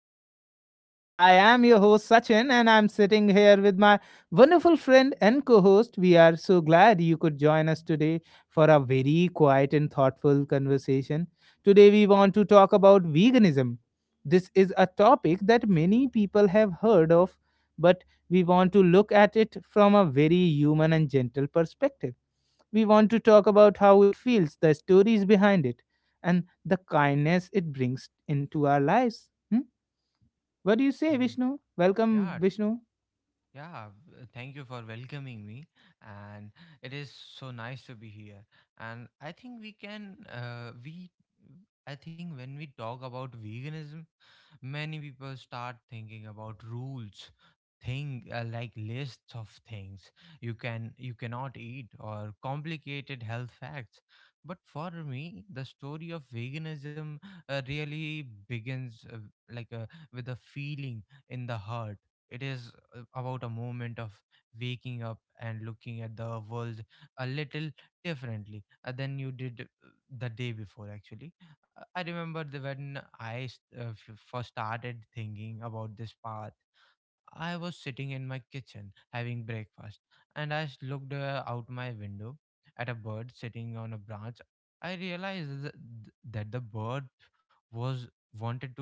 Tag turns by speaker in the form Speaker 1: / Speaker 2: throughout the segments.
Speaker 1: podcast. I am your host, Sachin, and I'm sitting here with my wonderful friend and co host. We are so glad you could join us today for a very quiet and thoughtful conversation. Today, we want to talk about veganism. This is a topic that many people have heard of, but we want to look at it from a very human and gentle perspective. We want to talk about how it feels, the stories behind it and the kindness it brings into our lives. Hmm? What do you say,
Speaker 2: 嗯，
Speaker 1: Vishnu?
Speaker 2: 第
Speaker 1: Welcome,
Speaker 2: 二。
Speaker 1: Vishnu.
Speaker 2: Yeah, thank you for welcoming me, and it is so nice to be here. And I think I think when we talk about veganism, many people start thinking about rules, thing like lists of things you cannot eat or complicated health facts. But for me, the story of veganism really begins like uh, with a feeling in the heart. It is about a moment of waking up and looking at the world a little differently than you did the day before actually. I remember when I first started thinking about this path. I was sitting in my kitchen having breakfast and I looked out my window at a bird sitting on a branch. I realized that the bird was wanted to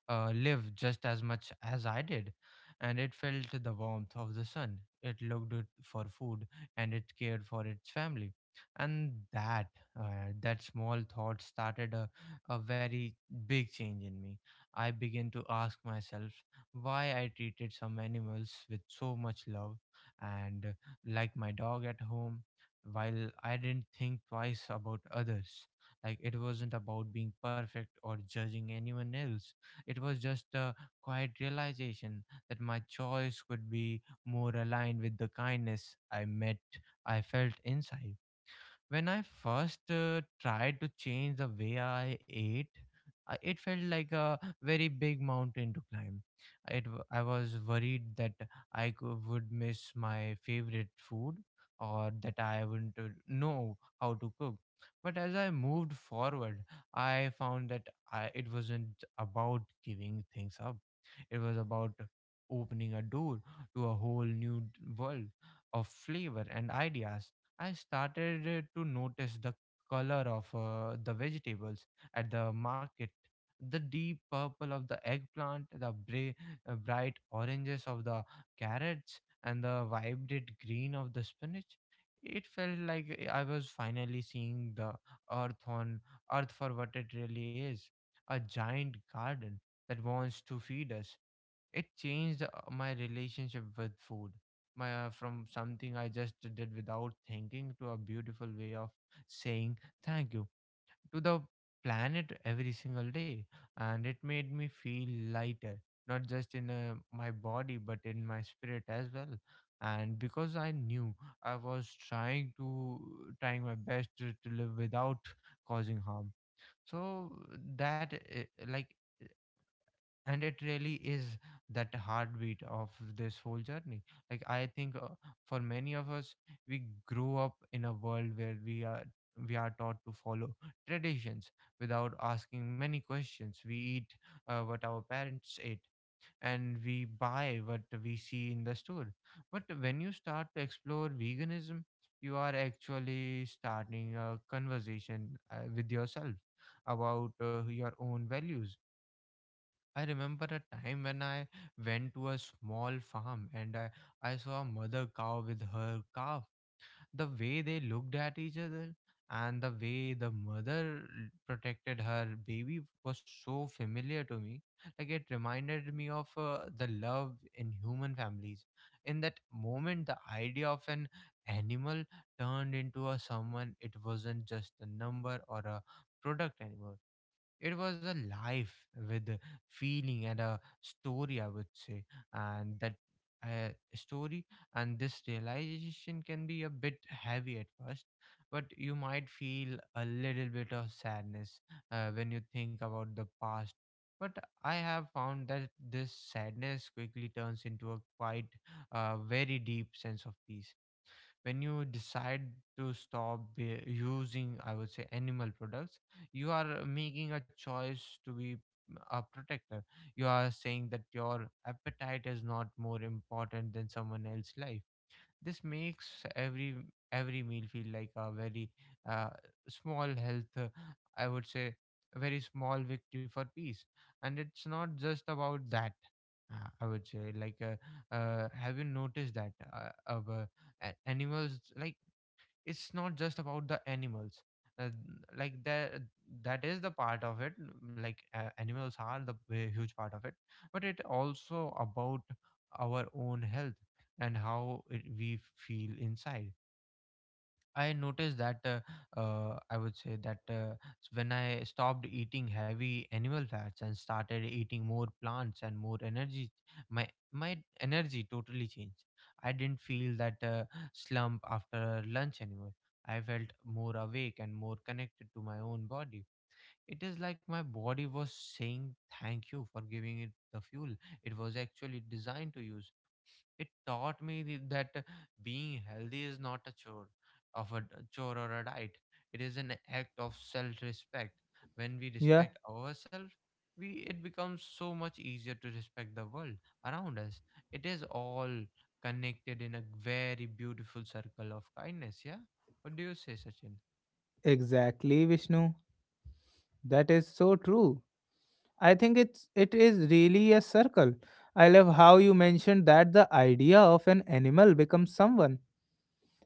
Speaker 2: live just as much as I did, and it felt the warmth of the sun. It looked it for food and it cared for its family, and that small thought started a very big change in me. I began to ask myself why I treated some animals with so much love, and like my dog at home, while I didn't think twice about others. Like it wasn't about being perfect or judging anyone else. It was just a quiet realization that my choice could be more aligned with the kindness I met I felt inside. When I first tried to change the way I ate, it felt like a very big mountain to climb. I was worried that I would miss my favorite food or that I wouldn't know how to cook. But as I moved forward, I found that it wasn't about giving things up, it was about opening a door to a whole world of flavor and ideas. I started to notice the color of the vegetables at the market, the deep purple of the eggplant, the bright oranges of the carrots, and the vibrant green of the spinach. It felt like I was finally seeing the earth on earth for what it really is: a giant garden that wants to feed us. It changed my relationship with food, my from something I just did without thinking to a beautiful way of saying thank you to the planet every single day. And it made me feel lighter, not just in my body but in my spirit as well, and because I knew I was trying my best to live without causing harm. So that like and it really is that heartbeat of this whole journey. Like I think for many of us, we grow up in a world where we are taught to follow traditions without asking many questions. We eat what our parents ate, and we buy what we see in the store. But when you start to explore veganism, you are actually starting a conversation with yourself about your own values. I remember a time when I went to a small farm and I saw a mother cow with her calf. The way they looked at each other and the way the mother protected her baby was so familiar to me. Like it reminded me of the love in human families. In that moment, the idea of an animal turned into a someone. It wasn't just a number or a product anymore. It was a life with a feeling and a story, I would say, and that uh, story and this realization can be a bit heavy at first, but you might feel a little bit of sadness when you think about the past. But I have found that this sadness quickly turns into a quite very deep sense of peace. When you decide to stop using, I would say, animal products, you are making a choice to be, a protector. You are saying that your appetite is not more important than someone else's life. This makes every meal feel like a very uh, small health I would say a very small victory for peace. And it's not just about that. I would say like Have you noticed that of a- animals like it's not just about the animals. uh, like that that is the part of it. Animals are the huge part of it, but it also about our own health and how we feel inside. I noticed that I would say that when I stopped eating heavy animal fats and started eating more plants and more energy, my energy totally changed. I didn't feel that slump after lunch anymore. I felt more awake and more connected to my own body. It is like my body was saying thank you for giving it the fuel it was actually designed to use. It taught me that being healthy is not a chore or a diet. It is an act of self-respect. When we
Speaker 1: Yeah,
Speaker 2: respect ourselves, we it becomes so much easier to respect the world around us. It is all connected in a very beautiful circle of kindness. Yeah. What do you say, Sachin?
Speaker 1: exactly, Vishnu. That is so true. I think it is really a circle. I love how you mentioned that the idea of an animal becomes someone.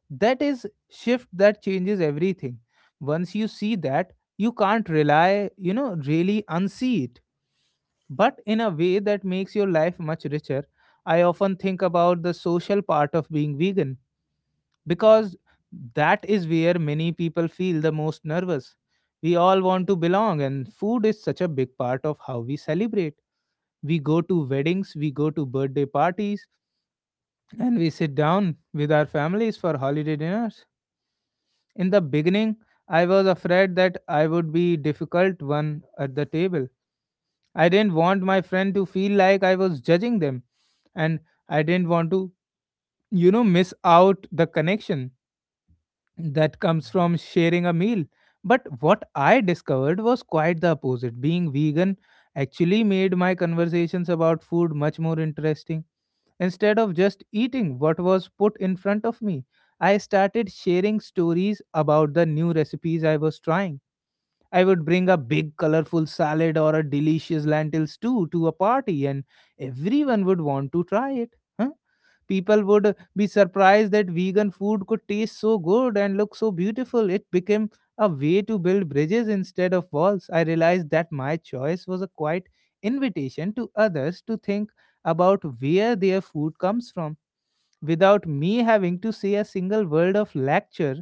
Speaker 1: That is shift that changes everything. Once you see that, you can't really unsee it, but in a way that makes your life much richer. I often think about the social part of being vegan because that is where many people feel the most nervous. We all want to belong, and food is such a big part of how we celebrate. We go to weddings, we go to birthday parties, and we sit down with our families for holiday dinners. In the beginning, I was afraid that I would be difficult one at the table. I didn't want my friend to feel like I was judging them, and I didn't want to, you know, miss out the connection that comes
Speaker 2: Mm-hmm.
Speaker 1: from sharing a meal. But what I discovered was quite the opposite. Being vegan actually made my conversations about food much more interesting. Instead of just eating what was put in front of me, I started sharing stories about the new recipes I was trying. I would bring a big colorful salad or a delicious lentil stew to a party and everyone would want to try it. Huh? People would be surprised that vegan food could taste so good and look so beautiful. It became a way to build bridges instead of walls. I realized that my choice was a quiet invitation to others to think about where their food comes from without me having to say a single word of lecture.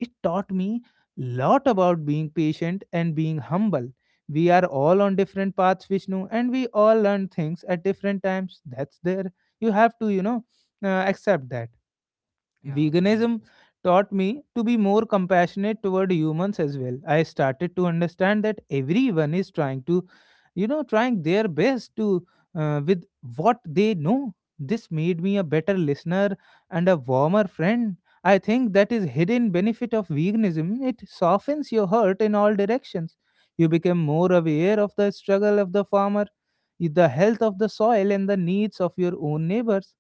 Speaker 1: It taught me lot about being patient and being humble. We are all on different paths, Vishnu, and we all learn things at different times. That's there. You have to, you know, accept that.
Speaker 2: Yeah, we do.
Speaker 1: Veganism taught me to be more compassionate toward humans as well. I started to understand that everyone is trying their best to with what they know. This made me a better listener and a warmer friend. I think that is hidden benefit of veganism. It softens your heart in all directions. You become more aware of the struggle of the farmer, the health of the soil, and the needs of your own neighbors.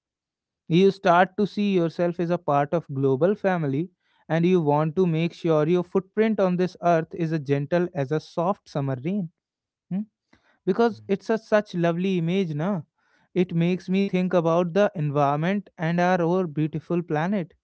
Speaker 1: You start to see yourself as a part of global family, and you want to make sure your footprint on this earth is as gentle as a soft summer rain. Hmm? Because it's a such lovely image, na? It makes me think about the environment and our beautiful planet.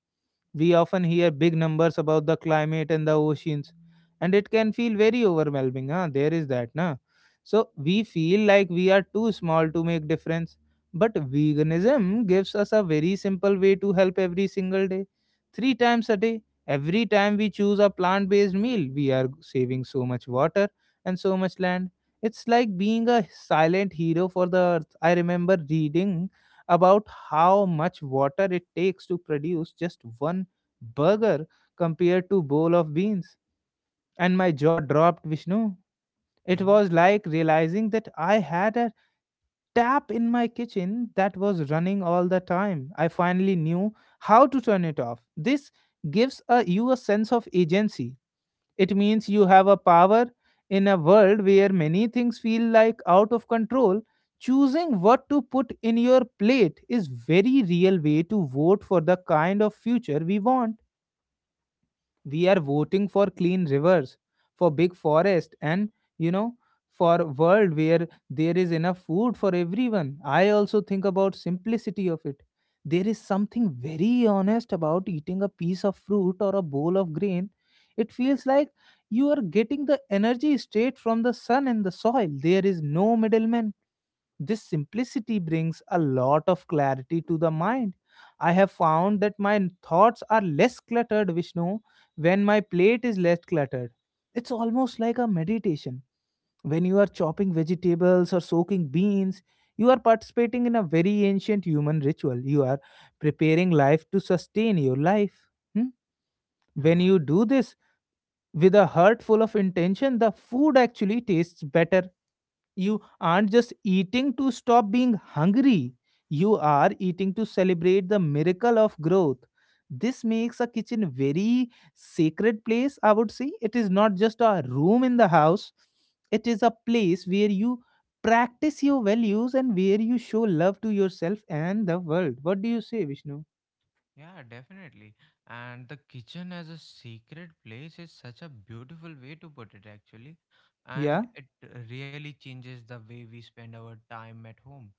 Speaker 1: We often hear big numbers about the climate and the oceans, and it can feel very overwhelming. Huh? There is that, na? So we feel like we are too small to make difference. But veganism gives us a very simple way to help every single day. Three times a day, every time we choose a plant based meal, we are saving so much water and so much land. It's like being a silent hero for the earth. I remember reading about how much water it takes to produce just one burger compared to bowl of beans, and my jaw dropped, Vishnu. It
Speaker 2: Mm-hmm.
Speaker 1: was like realizing that I had a tap in my kitchen that was running all the time. I finally knew how to turn it off. This gives a, you a sense of agency. It means you have a power in a world where many things feel like out of control. Choosing what to put in your plate is very real way to vote for the kind of future we want. We are voting for clean rivers, for big forest, and, you know, for a world where there is enough food for everyone. I also think about simplicity of it. There is something very honest about eating a piece of fruit or a bowl of grain. It feels like you are getting the energy straight from the sun and the soil. There is no middleman. This simplicity brings a lot of clarity to the mind. I have found that my thoughts are less cluttered, Vishnu, when my plate is less cluttered. It's almost like a meditation. When you are chopping vegetables or soaking beans, you are participating in a very ancient human ritual. You are preparing life to sustain your life. Hmm? When
Speaker 2: Yeah.
Speaker 1: you do this with a heart full of intention, the food actually tastes better. You aren't just eating to stop being hungry, you are eating to celebrate the miracle of growth. This makes a kitchen very sacred place, I would say. It is not just a room in the house, it is a place where you practice your values and where you show love to yourself and the world. What do you say, Vishnu?
Speaker 2: Yeah, definitely. And the kitchen as a sacred place is such a beautiful way to put it, actually. And
Speaker 1: Yeah,
Speaker 2: it really changes the way we spend our time at home.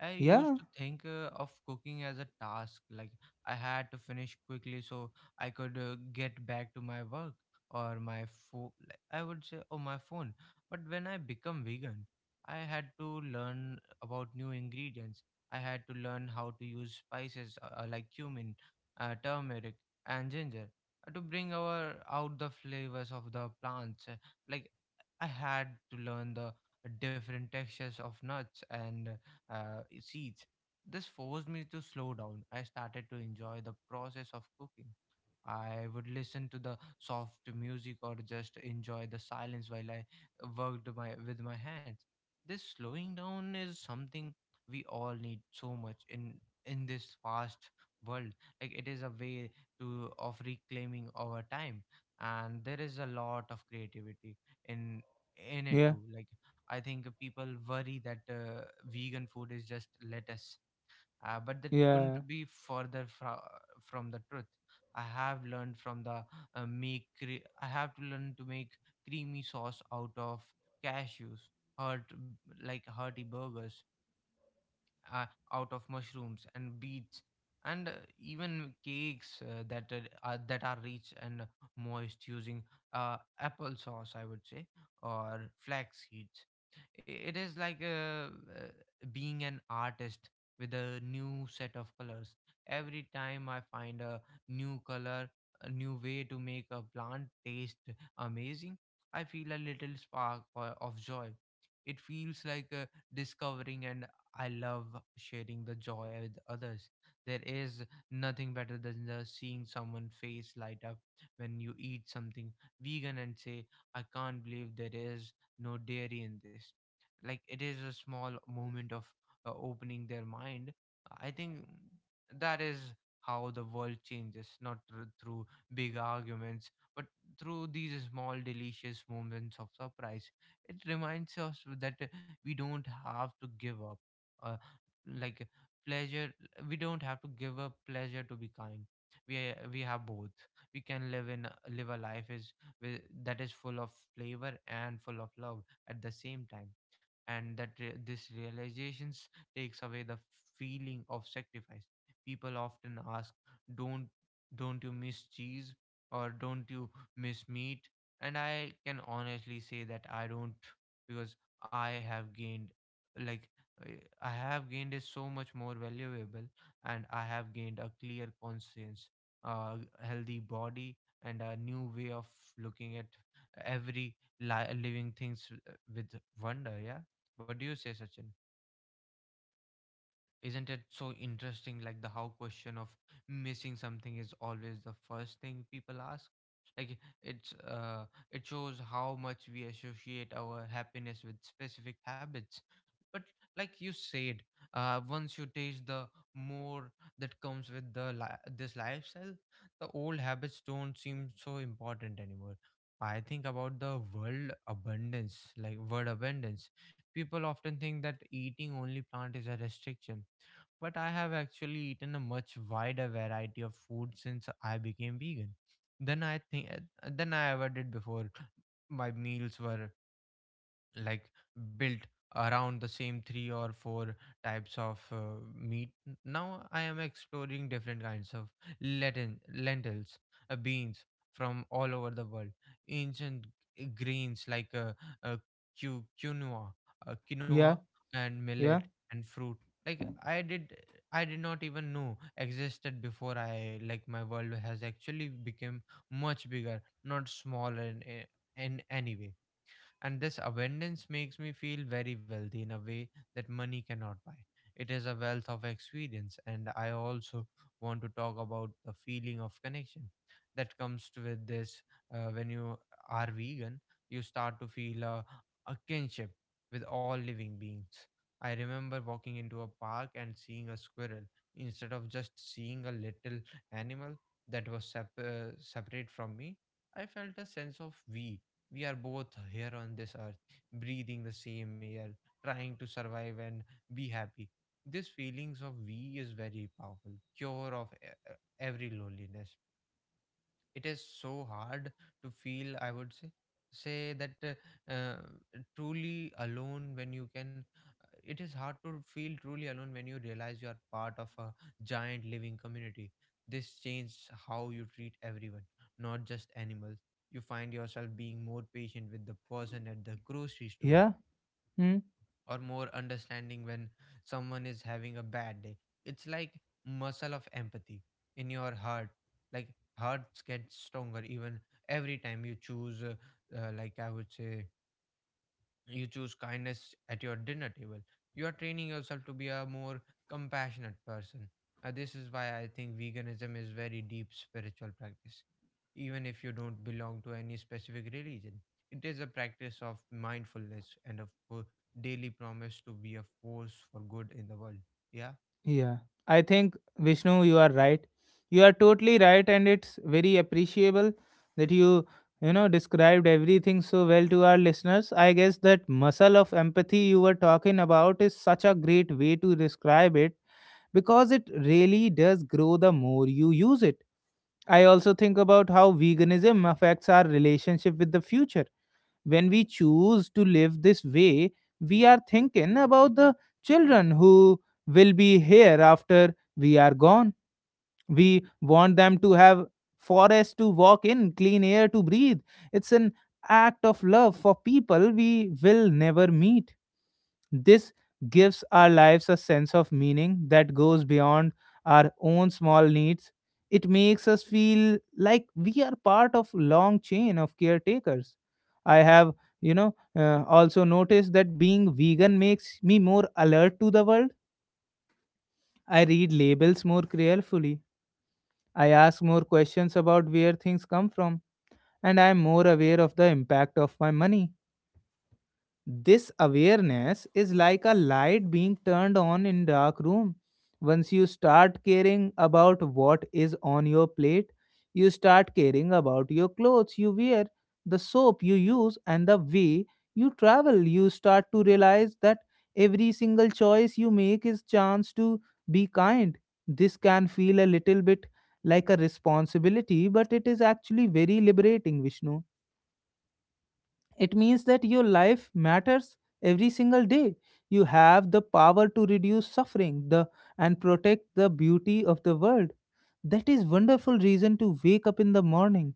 Speaker 2: I used
Speaker 1: yeah,
Speaker 2: to think of cooking as a task, like I had to finish quickly so I could get back to my work or my phone. I would say, oh, my phone. But when I become vegan, I had to learn about new ingredients. I had to learn how to use spices like cumin, turmeric, and ginger to bring our out the flavors of the plants. Like I had to learn the different textures of nuts and seeds. This forced me to slow down. I started to enjoy the process of cooking. I would listen to the soft music or just enjoy the silence while I worked my with my hands. This slowing down is something we all need so much in this fast world. Like it is a way to of reclaiming our time, and there is a lot of creativity in in it
Speaker 1: yeah,
Speaker 2: too. Like I think people worry that vegan food is just lettuce, but that couldn't
Speaker 1: yeah,
Speaker 2: be from the truth. I have learned from the make. Cre- I have to learn to make creamy sauce out of cashews, hurt like hearty burgers, uh, out of mushrooms and beets, and even cakes that are rich and moist using apple sauce, I would say, or flax seeds. It is like being an artist with a new set of colors. Every time I find a new color, a new way to make a plant taste amazing, I feel a little spark of joy. It feels like discovering an— I love sharing the joy with others. There is nothing better than just seeing someone face light up when you eat something vegan and say, I can't believe there is no dairy in this. Like it is a small moment of opening their mind. I think that is how the world changes, not through big arguments, but through these small, delicious moments of surprise. It reminds us that we don't have to give up uh, like pleasure we don't have to give up pleasure to be kind. we we have both. We can live a life that is full of flavor and full of love at the same time. And this realizations takes away the feeling of sacrifice. People often ask, don't don't you miss cheese, or don't you miss meat? And I can honestly say that I don't, because I have gained, like, I I have gained is so much more valuable, and I have gained a clear conscience, a healthy body, and a new way of looking at every living things with wonder. Yeah, what do you say, Sachin? Isn't it so interesting? Like the how question of missing something is always the first thing people ask. Like it's it shows how much we associate our happiness with specific habits. But like you said, once you taste the more that comes with the this lifestyle, the old habits don't seem so important anymore. I think about the world abundance, like word abundance. People often think that eating only plant is a restriction, but I have actually eaten a much wider variety of food since I became vegan than I think than I ever did before. My meals were like built around the same three or four types of meat. Now I am exploring different kinds of lentils, beans from all over the world, ancient grains like uh, quinoa, uh, quinoa
Speaker 1: yeah,
Speaker 2: and millet
Speaker 1: yeah,
Speaker 2: and fruit. Like I did, I did not even know existed before I like my world has actually become much bigger, not smaller in any way, and this abundance makes me feel very wealthy in a way that money cannot buy. It is a wealth of experience, and I also want to talk about the feeling of connection that comes to with this. When you are vegan, you start to feel a kinship with all living beings. I remember walking into a park and seeing a squirrel instead of just seeing a little animal that was separate from me. I felt a sense of we are both here on this earth, breathing the same air, trying to survive and be happy. This feelings of we is very powerful, cure of every loneliness. It is so hard to feel, I would say say that uh, truly alone when you can it is hard to feel truly alone when you realize you are part of a giant living community. This changes how you treat everyone, not just animals. You find yourself being more patient with the person at the grocery store,
Speaker 1: yeah.
Speaker 2: or more understanding when someone is having a bad day. It's like muscle of empathy in your heart. Like Hearts get stronger even every time you choose, uh, like I would say, you choose kindness at your dinner table, you are training yourself to be a more compassionate person. This is why I think veganism is very deep spiritual practice, even if you don't belong to any specific religion. It is a practice of mindfulness and of daily promise to be a force for good in the world. Yeah.
Speaker 1: Yeah, I think Vishnu, you are right. You are totally right, and it's very appreciable that you know, described everything so well to our listeners. I guess that muscle of empathy you were talking about is such a great way to describe it because it really does grow the more you use it. I also think about how veganism affects our relationship with the future. When we choose to live this way, we are thinking about the children who will be here after we are gone. We want them to have forests to walk in, clean air to breathe. It's an act of love for people we will never meet. This gives our lives a sense of meaning that goes beyond our own small needs. It makes us feel like we are part of long chain of caretakers. I have, also noticed that being vegan makes me more alert to the world. I read labels more carefully. I ask more questions about where things come from, and I am more aware of the impact of my money. This awareness is like a light being turned on in dark room. Once you start caring about what is on your plate, you start caring about your clothes you wear, the soap you use, and the way you travel. You start to realize that every single choice you make is chance to be kind. This can feel a little bit like a responsibility, but it is actually very liberating, Vishnu. It means that your life matters every single day. You have the power to reduce suffering, and protect the beauty of the world. That is wonderful reason to wake up in the morning.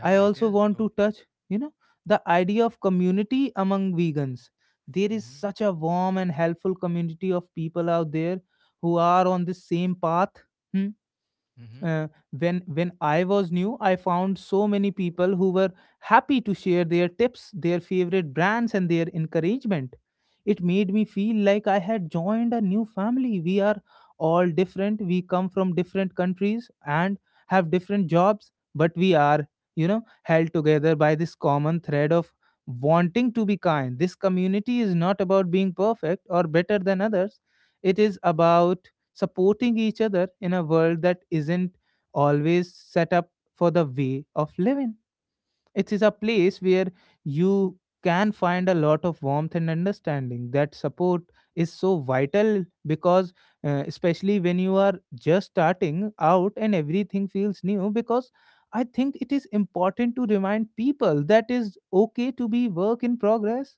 Speaker 1: I
Speaker 2: it
Speaker 1: also
Speaker 2: is
Speaker 1: want to
Speaker 2: totally.
Speaker 1: touch, you know, the idea of community among vegans. There is
Speaker 2: Mm-hmm.
Speaker 1: such a warm and helpful community of people out there who are on the same path. Hmm?
Speaker 2: Mm-hmm.
Speaker 1: uh, when I was new, I found so many people who were happy to share their tips, their favorite brands, and their encouragement. It made me feel like I had joined a new family. We are all different, we come from different countries and have different jobs, but we are, you know, held together by this common thread of wanting to be kind. This community is not about being perfect or better than others. It is about supporting each other in a world that isn't always set up for the way of living. It is a place where you can find a lot of warmth and understanding. That support is so vital because, especially when you are just starting out and everything feels new, because I think it is important to remind people that is okay to be work in progress.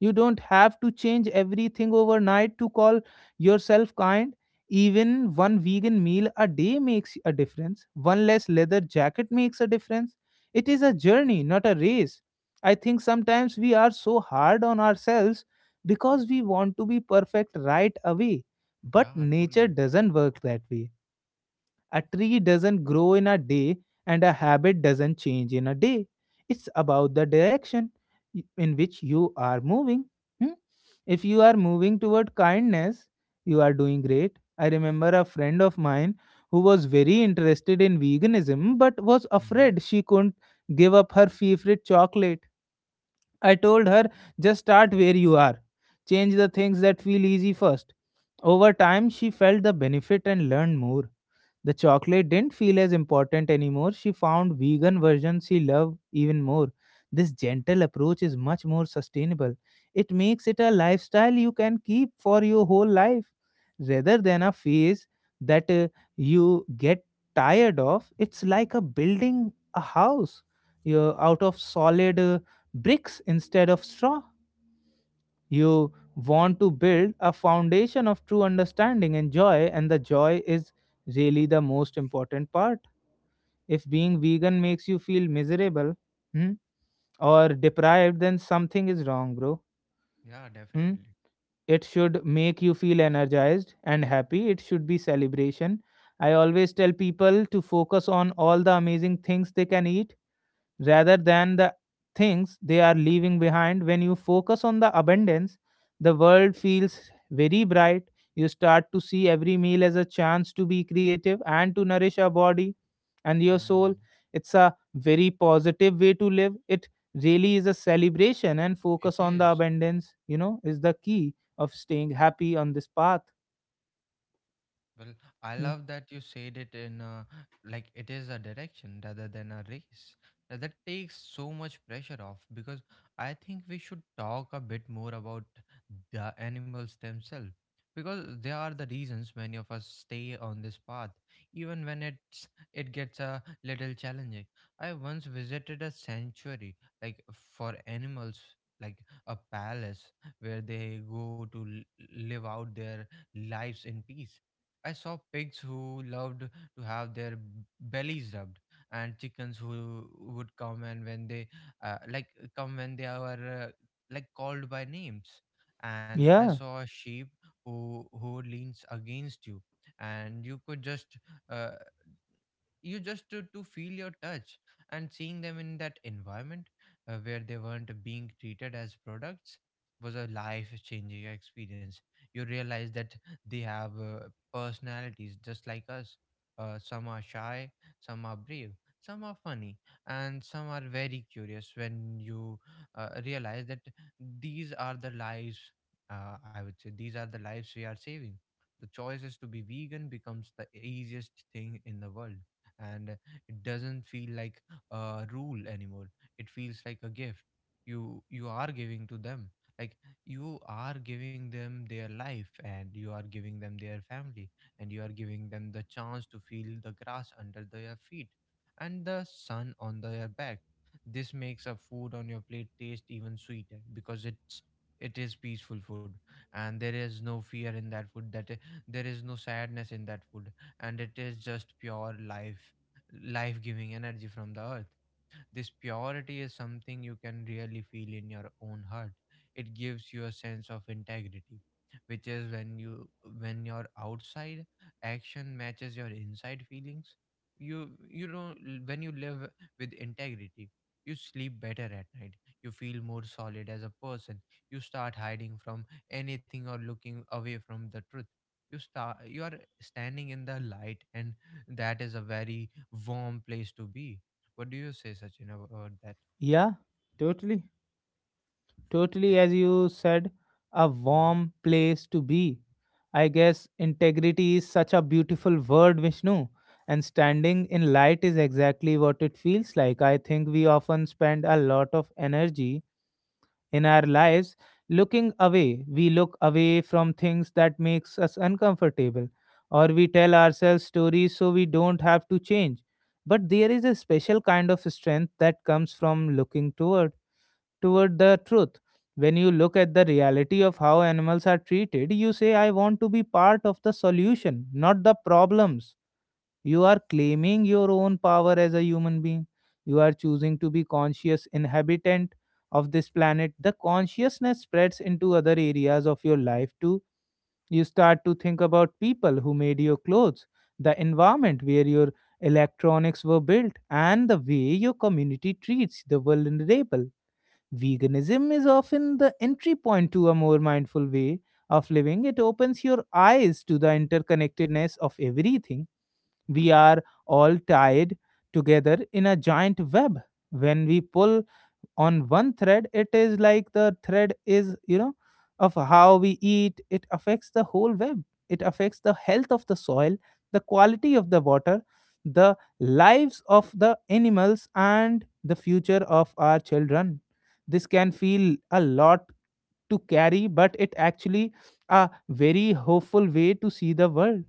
Speaker 1: You don't have to change everything overnight to call yourself kind. Even one vegan meal a day makes a difference. One less leather jacket makes a difference. It is a journey, not a race. I think sometimes we are so hard on ourselves because we want to be perfect right away. But
Speaker 2: Yeah,
Speaker 1: nature
Speaker 2: totally.
Speaker 1: doesn't work that way. A tree doesn't grow in a day, and a habit doesn't change in a day. It's about the direction in which you are moving. Hmm? If you are moving toward kindness, you are doing great. I remember a friend of mine who was very interested in veganism but was
Speaker 2: Mm-hmm.
Speaker 1: afraid she couldn't give up her favorite chocolate. I told her, just start where you are. Change the things that feel easy first. Over time, she felt the benefit and learned more. The chocolate didn't feel as important anymore. She found vegan versions she loved even more. This gentle approach is much more sustainable. It makes it a lifestyle you can keep for your whole life rather than a phase that you get tired of. It's like a building a house you out of solid bricks instead of straw. You want to build a foundation of true understanding and joy, and the joy is really the most important part. If being vegan makes you feel miserable hmm, or deprived, then something is wrong, bro.
Speaker 2: Yeah,
Speaker 1: Hmm?
Speaker 2: definitely.
Speaker 1: It should make you feel energized and happy. It should be celebration. I always tell people to focus on all the amazing things they can eat rather than the things they are leaving behind. When you focus on the abundance, the world feels very bright. You start to see every meal as a chance to be creative and to nourish your body and your soul.
Speaker 2: Mm,
Speaker 1: It's a very positive way to live. It really is a celebration, and focus
Speaker 2: it
Speaker 1: on the
Speaker 2: is.
Speaker 1: abundance, is the key of staying happy on this path.
Speaker 2: Well, I
Speaker 1: Yeah,
Speaker 2: love that you said it like it is a direction rather than a race. That takes so much pressure off, because I think we should talk a bit more about the animals themselves, because they are the reasons many of us stay on this path even when it gets a little challenging. I once visited a sanctuary, like for animals, like a palace where they go to live out their lives in peace. I saw pigs who loved to have their bellies rubbed, and chickens who would come and when they uh, like come when they are called by names. And I
Speaker 1: yeah,
Speaker 2: saw a sheep who leans against you, and you could just uh, you just to feel your touch, and seeing them in that environment where they weren't being treated as products was a life changing experience. You realize that they have personalities just like us. Some are shy, some are brave, some are funny, and some are very curious. When you realize that these are the lives, I would say these are the lives we are saving, the choice is to be vegan becomes the easiest thing in the world, and it doesn't feel like a rule anymore. It feels like a gift you are giving to them. like you are giving them their life, and you are giving them their family, and you are giving them the chance to feel the grass under their feet and the sun on their back. This makes a food on your plate taste even sweeter, because it is peaceful food, and there is no fear in that food there is no sadness in that food, and it is just pure life, life giving energy from the earth. This purity is something you can really feel in your own heart. It gives you a sense of integrity, which is when you, when your outside action matches your inside feelings. You know, when you live with integrity, you sleep better at night. You feel more solid as a person. You start hiding from anything or looking away from the truth. You are standing in the light, and that is a very warm place to be. What do you say, Sachin, about that?
Speaker 1: yeah. Totally. Totally,
Speaker 2: Like,
Speaker 1: as you said, a
Speaker 2: hmm.
Speaker 1: warm place to be. I guess integrity is such a beautiful word, Vishnu, and standing in light is exactly what it feels like. I think we often spend a lot of energy in our lives looking away. We look away from things that makes us uncomfortable, or we tell ourselves stories so we don't have to change. But there is a special kind of strength that comes from looking toward toward the truth. When you look at the reality of how animals are treated, you say, I want to be part of the solution, not the problems. You are claiming your own power as a human being. You are choosing to be conscious inhabitant of this planet. The consciousness spreads into other areas of your life too. You start to think about people who made your clothes, the environment where your electronics were built, and the way your community treats the vulnerable. Veganism is often the entry point to a more mindful way of living. It opens your eyes to the interconnectedness of everything. We are all tied together in a giant web. When we pull on one thread, it is like the thread is, of how we eat, it affects the whole web. It affects the health of the soil, the quality of the water, the lives of the animals, and the future of our children. This can feel a lot to carry, but it actually a very hopeful way to see the world.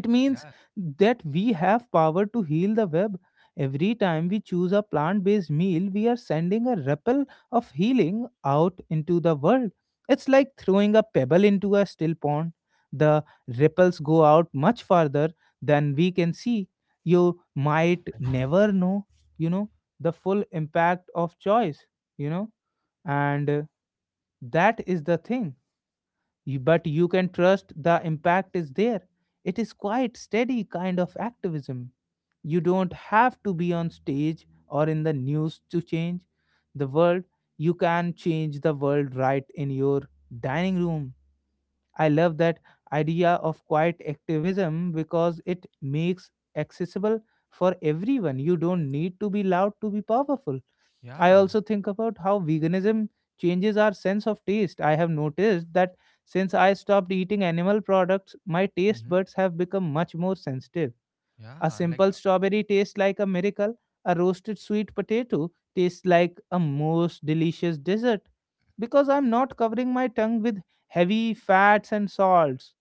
Speaker 1: It means
Speaker 2: Yeah,
Speaker 1: that we have power to heal the web. Every time we choose a plant based meal, we are sending a ripple of healing out into the world. It's like throwing a pebble into a still pond. The ripples go out much farther than we can see. You might never know, you know, the full impact of choice, you know, and that is the thing. But you can trust the impact is there. It is quite steady kind of activism. You don't have to be on stage or in the news to change the world. You can change the world right in your dining room. I love that idea of quiet activism because it makes accessible for everyone. You don't need to be loud to be powerful. I
Speaker 2: yeah,
Speaker 1: also think about how veganism changes our sense of taste. I have noticed that since I stopped eating animal products, my taste
Speaker 2: mm-hmm,
Speaker 1: buds have become much more sensitive. A
Speaker 2: yeah, like,
Speaker 1: simple strawberry tastes like a miracle. A roasted sweet potato tastes like a most delicious dessert. Because I'm not covering my tongue with heavy fats and salts,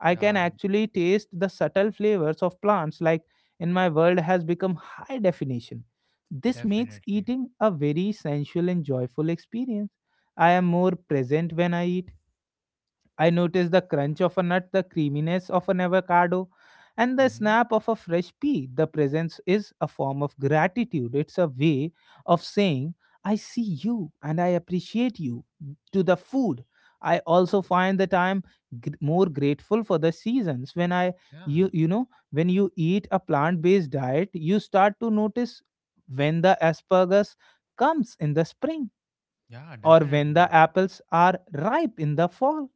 Speaker 1: I can
Speaker 2: yeah,
Speaker 1: actually taste the subtle flavors of plants, like in my world has become high definition. This makes
Speaker 2: definitely,
Speaker 1: eating a very sensual and joyful experience. I am more present when I eat. I noticed the crunch of a nut, the creaminess of an avocado, and the
Speaker 2: mm-hmm,
Speaker 1: snap of a fresh pea. The presence is a form of gratitude. It's a way of saying, I see you and I appreciate you, to the food. I also find that I am more grateful for the seasons. When I,
Speaker 2: yeah,
Speaker 1: you, you know, when you eat a plant based diet, you start to notice when the asparagus comes in the spring
Speaker 2: yeah,
Speaker 1: or when the
Speaker 2: definitely,
Speaker 1: apples are ripe in the fall.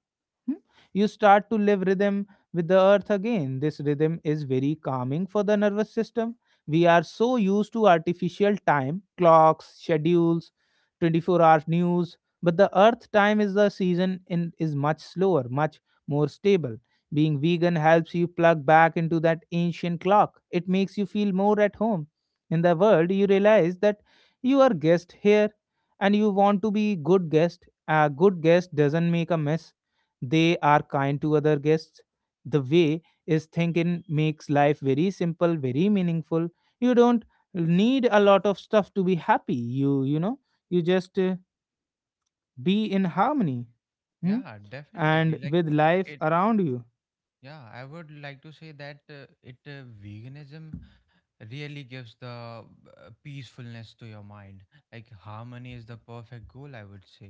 Speaker 1: Hmm? You start to live rhythm with the earth again. This rhythm is very calming for the nervous system. We are so used to artificial time, clocks, schedules, 24-hour news, but the earth time is the season in is much slower, much more stable. Being vegan helps you plug back into that ancient clock. It makes you feel more at home. In the world, you realize that you are guest here and you want to be good guest. A good guest doesn't make a mess. They are kind to other guests. The way is thinking makes life very simple, very meaningful. You don't need a lot of stuff to be happy. You you know you just uh, be in harmony. Hmm?
Speaker 2: yeah, definitely.
Speaker 1: And
Speaker 2: Like,
Speaker 1: with life
Speaker 2: it,
Speaker 1: around you.
Speaker 2: yeah, I would like to say that it veganism really gives the peacefulness to your mind. Like harmony is the perfect goal, I would say.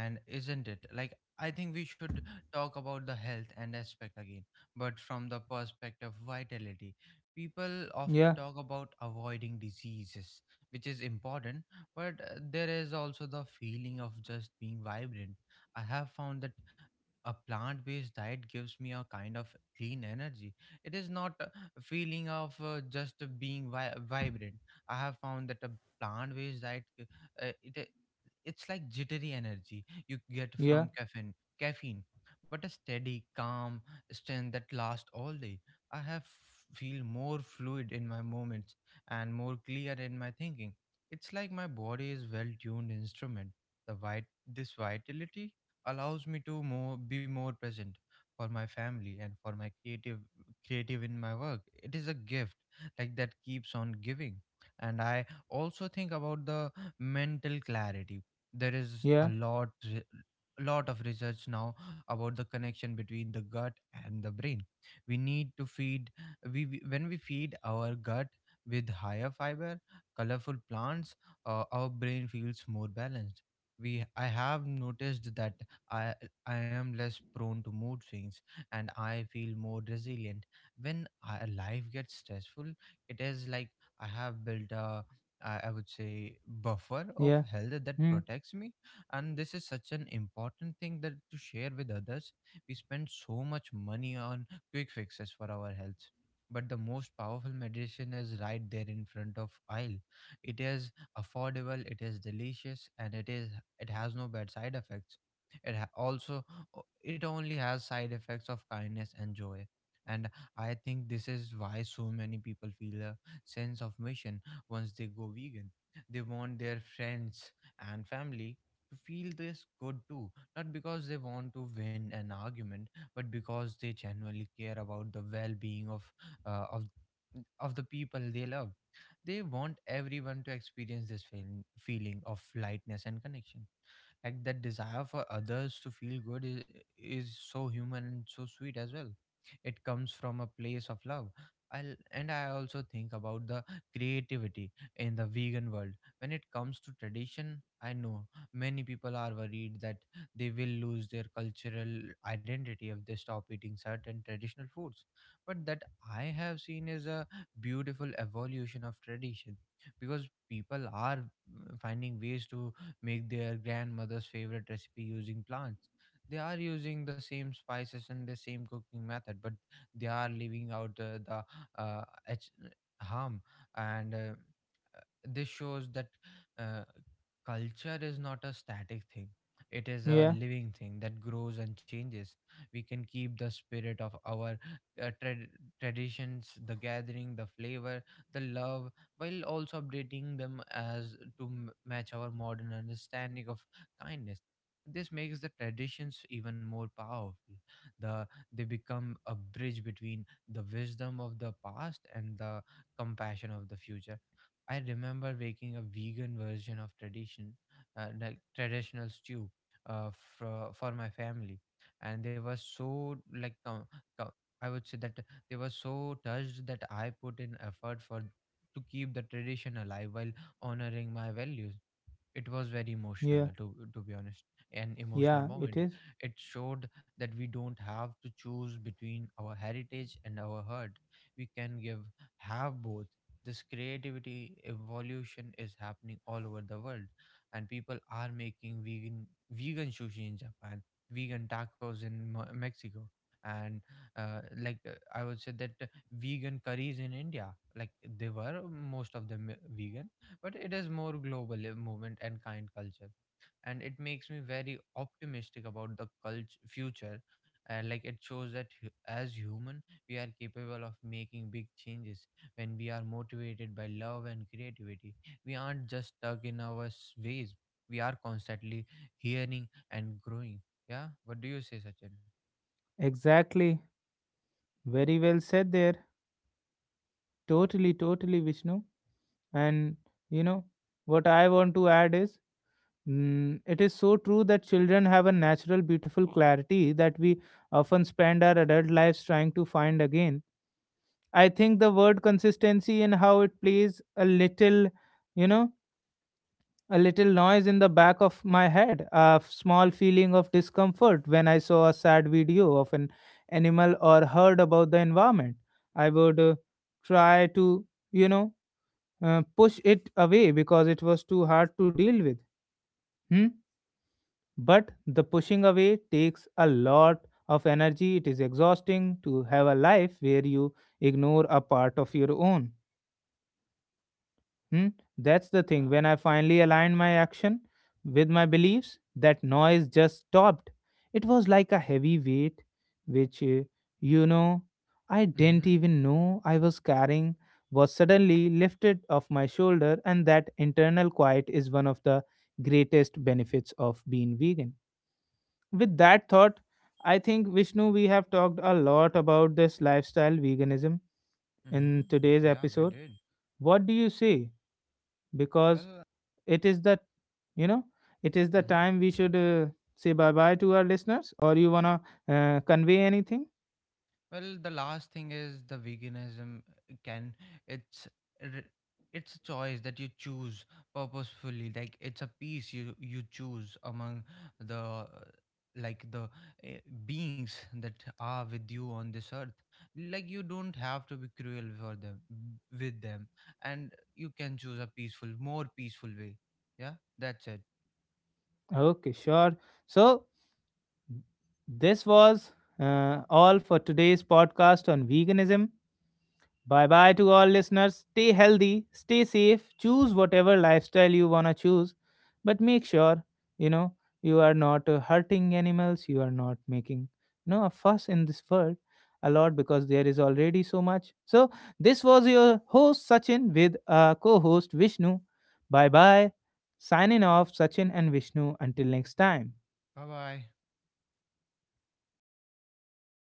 Speaker 2: And isn't it like, I think we should talk about the health and aspect again, but from the perspective of vitality. People
Speaker 1: Yeah,
Speaker 2: often talk about avoiding diseases, which is important, but there is also the feeling of just being vibrant. I have found that a plant based diet gives me a kind of clean energy. It is not a feeling of just being vibrant. I have found that a plant based diet it It's like jittery energy you get
Speaker 1: yeah,
Speaker 2: from caffeine, but a steady calm strength that lasts all day. I have feel more fluid in my movements and more clear in my thinking. It's like my body is well tuned instrument. This vitality allows me to more be more present for my family and for my creative in my work. It is a gift that keeps on giving. And I also think about the mental clarity. There is
Speaker 1: yeah,
Speaker 2: lot of research now about the connection between the gut and the brain. We need to feed we- When we feed our gut with higher fiber, colorful plants, our brain feels more balanced. We I have noticed that I I am less prone to mood swings, and I feel more resilient. When life gets stressful, it is like I have built a, I would say buffer of
Speaker 1: yeah.
Speaker 2: health that
Speaker 1: Hmm?
Speaker 2: protects me. And this is such an important thing that to share with others. We spend so much money on quick fixes for our health, but the most powerful medicine is right there in front of aisle. It is affordable, it is delicious, and it has no bad side effects. It ha- also It only has side effects of kindness and joy. And I think this is why so many people feel a sense of mission once they go vegan. They want their friends and family to feel this good too, not because they want to win an argument, but because they genuinely care about the well-being of uh, of of the people they love. They want everyone to experience this feeling of lightness and connection. That desire for others to feel good is so human and so sweet as well. It comes from a place of love. And I also think about the creativity in the vegan world. When it comes to tradition, I know many people are worried that they will lose their cultural identity if they stop eating certain traditional foods. But that I have seen is a beautiful evolution of tradition, because people are finding ways to make their grandmother's favorite recipe using plants. They are using the same spices and the same cooking method, but they are leaving out uh, H- harm. And This shows that uh, culture is not a static thing. It is a
Speaker 1: Yeah,
Speaker 2: living thing that grows and changes. We can keep the spirit of our uh, trad- traditions, the gathering, the flavor, the love, while also updating them as to match our modern understanding of kindness. This makes the traditions even more powerful. The they become a bridge between the wisdom of the past and the compassion of the future. I remember making a vegan version of tradition, traditional stew, uh, for my family, and they were so like, com- com- I would say that they were so touched that I put in effort for to keep the tradition alive while honoring my values. It was very emotional,
Speaker 1: yeah,
Speaker 2: to be honest, an emotional
Speaker 1: yeah. It
Speaker 2: moment.
Speaker 1: is.
Speaker 2: It showed that we don't have to choose between our heritage and our hurt. We can give have both. This creativity evolution is happening all over the world, and people are making vegan sushi in Japan, vegan tacos in Mexico, and uh, like I would say that vegan curries in India. like they were, most of them, vegan. But it is more global movement and kind culture, and it makes me very optimistic about the culture future. And like It shows that as human we are capable of making big changes when we are motivated by love and creativity. We aren't just stuck in our ways. We are constantly hearing and growing. Yeah, what do you say, Sachin?
Speaker 1: Exactly. Very well said there. Totally, totally, Vishnu. And you know what I want to add is, mm, it is so true that children have a natural, beautiful clarity that we often spend our adult lives trying to find again. I think the word consistency and how it plays a little, you know, a little noise in the back of my head, a small feeling of discomfort when I saw a sad video of an animal or heard about the environment. I would try to, you know, push it away because it was too hard to deal with. Hmm? But the pushing away takes a lot of energy. It is exhausting to have a life where you ignore a part of your own. Hmm? That's the thing.
Speaker 2: Yeah.
Speaker 1: When I finally aligned my action with my beliefs, that noise just stopped. It was like a heavy weight, which, you know, I didn't
Speaker 2: Mm-hmm.
Speaker 1: even know I was carrying, was suddenly lifted off my shoulder. And that internal quiet is one of the greatest benefits of being vegan. With that thought, I think, Vishnu, we have talked a lot about this lifestyle veganism
Speaker 2: Mm-hmm.
Speaker 1: in today's
Speaker 2: Yeah, we
Speaker 1: episode.
Speaker 2: did.
Speaker 1: What do you say? Because
Speaker 2: Well,
Speaker 1: it is that, you know it is the
Speaker 2: mhm.
Speaker 1: time we should say bye bye to our listeners, or you wanna convey anything.
Speaker 2: Well, the last thing is, the veganism can, it's r- it's a choice that you choose purposefully. Like it's a piece you choose among the uh, the beings that are with you on this earth. Like you don't have to be cruel for them with them, and you can choose a peaceful, more peaceful way. Yeah, that's it.
Speaker 1: Okay, sure. So, this was all for today's podcast on veganism. Bye bye to all listeners. Stay healthy, stay safe, choose whatever lifestyle you want to choose, but make sure, you know, you are not hurting animals, you are not making, a fuss in this world a lot because there is already so much. So, this was your host Sachin with co host Vishnu. Bye bye. Signing off, Sachin and Vishnu. Until next time.
Speaker 2: Bye bye.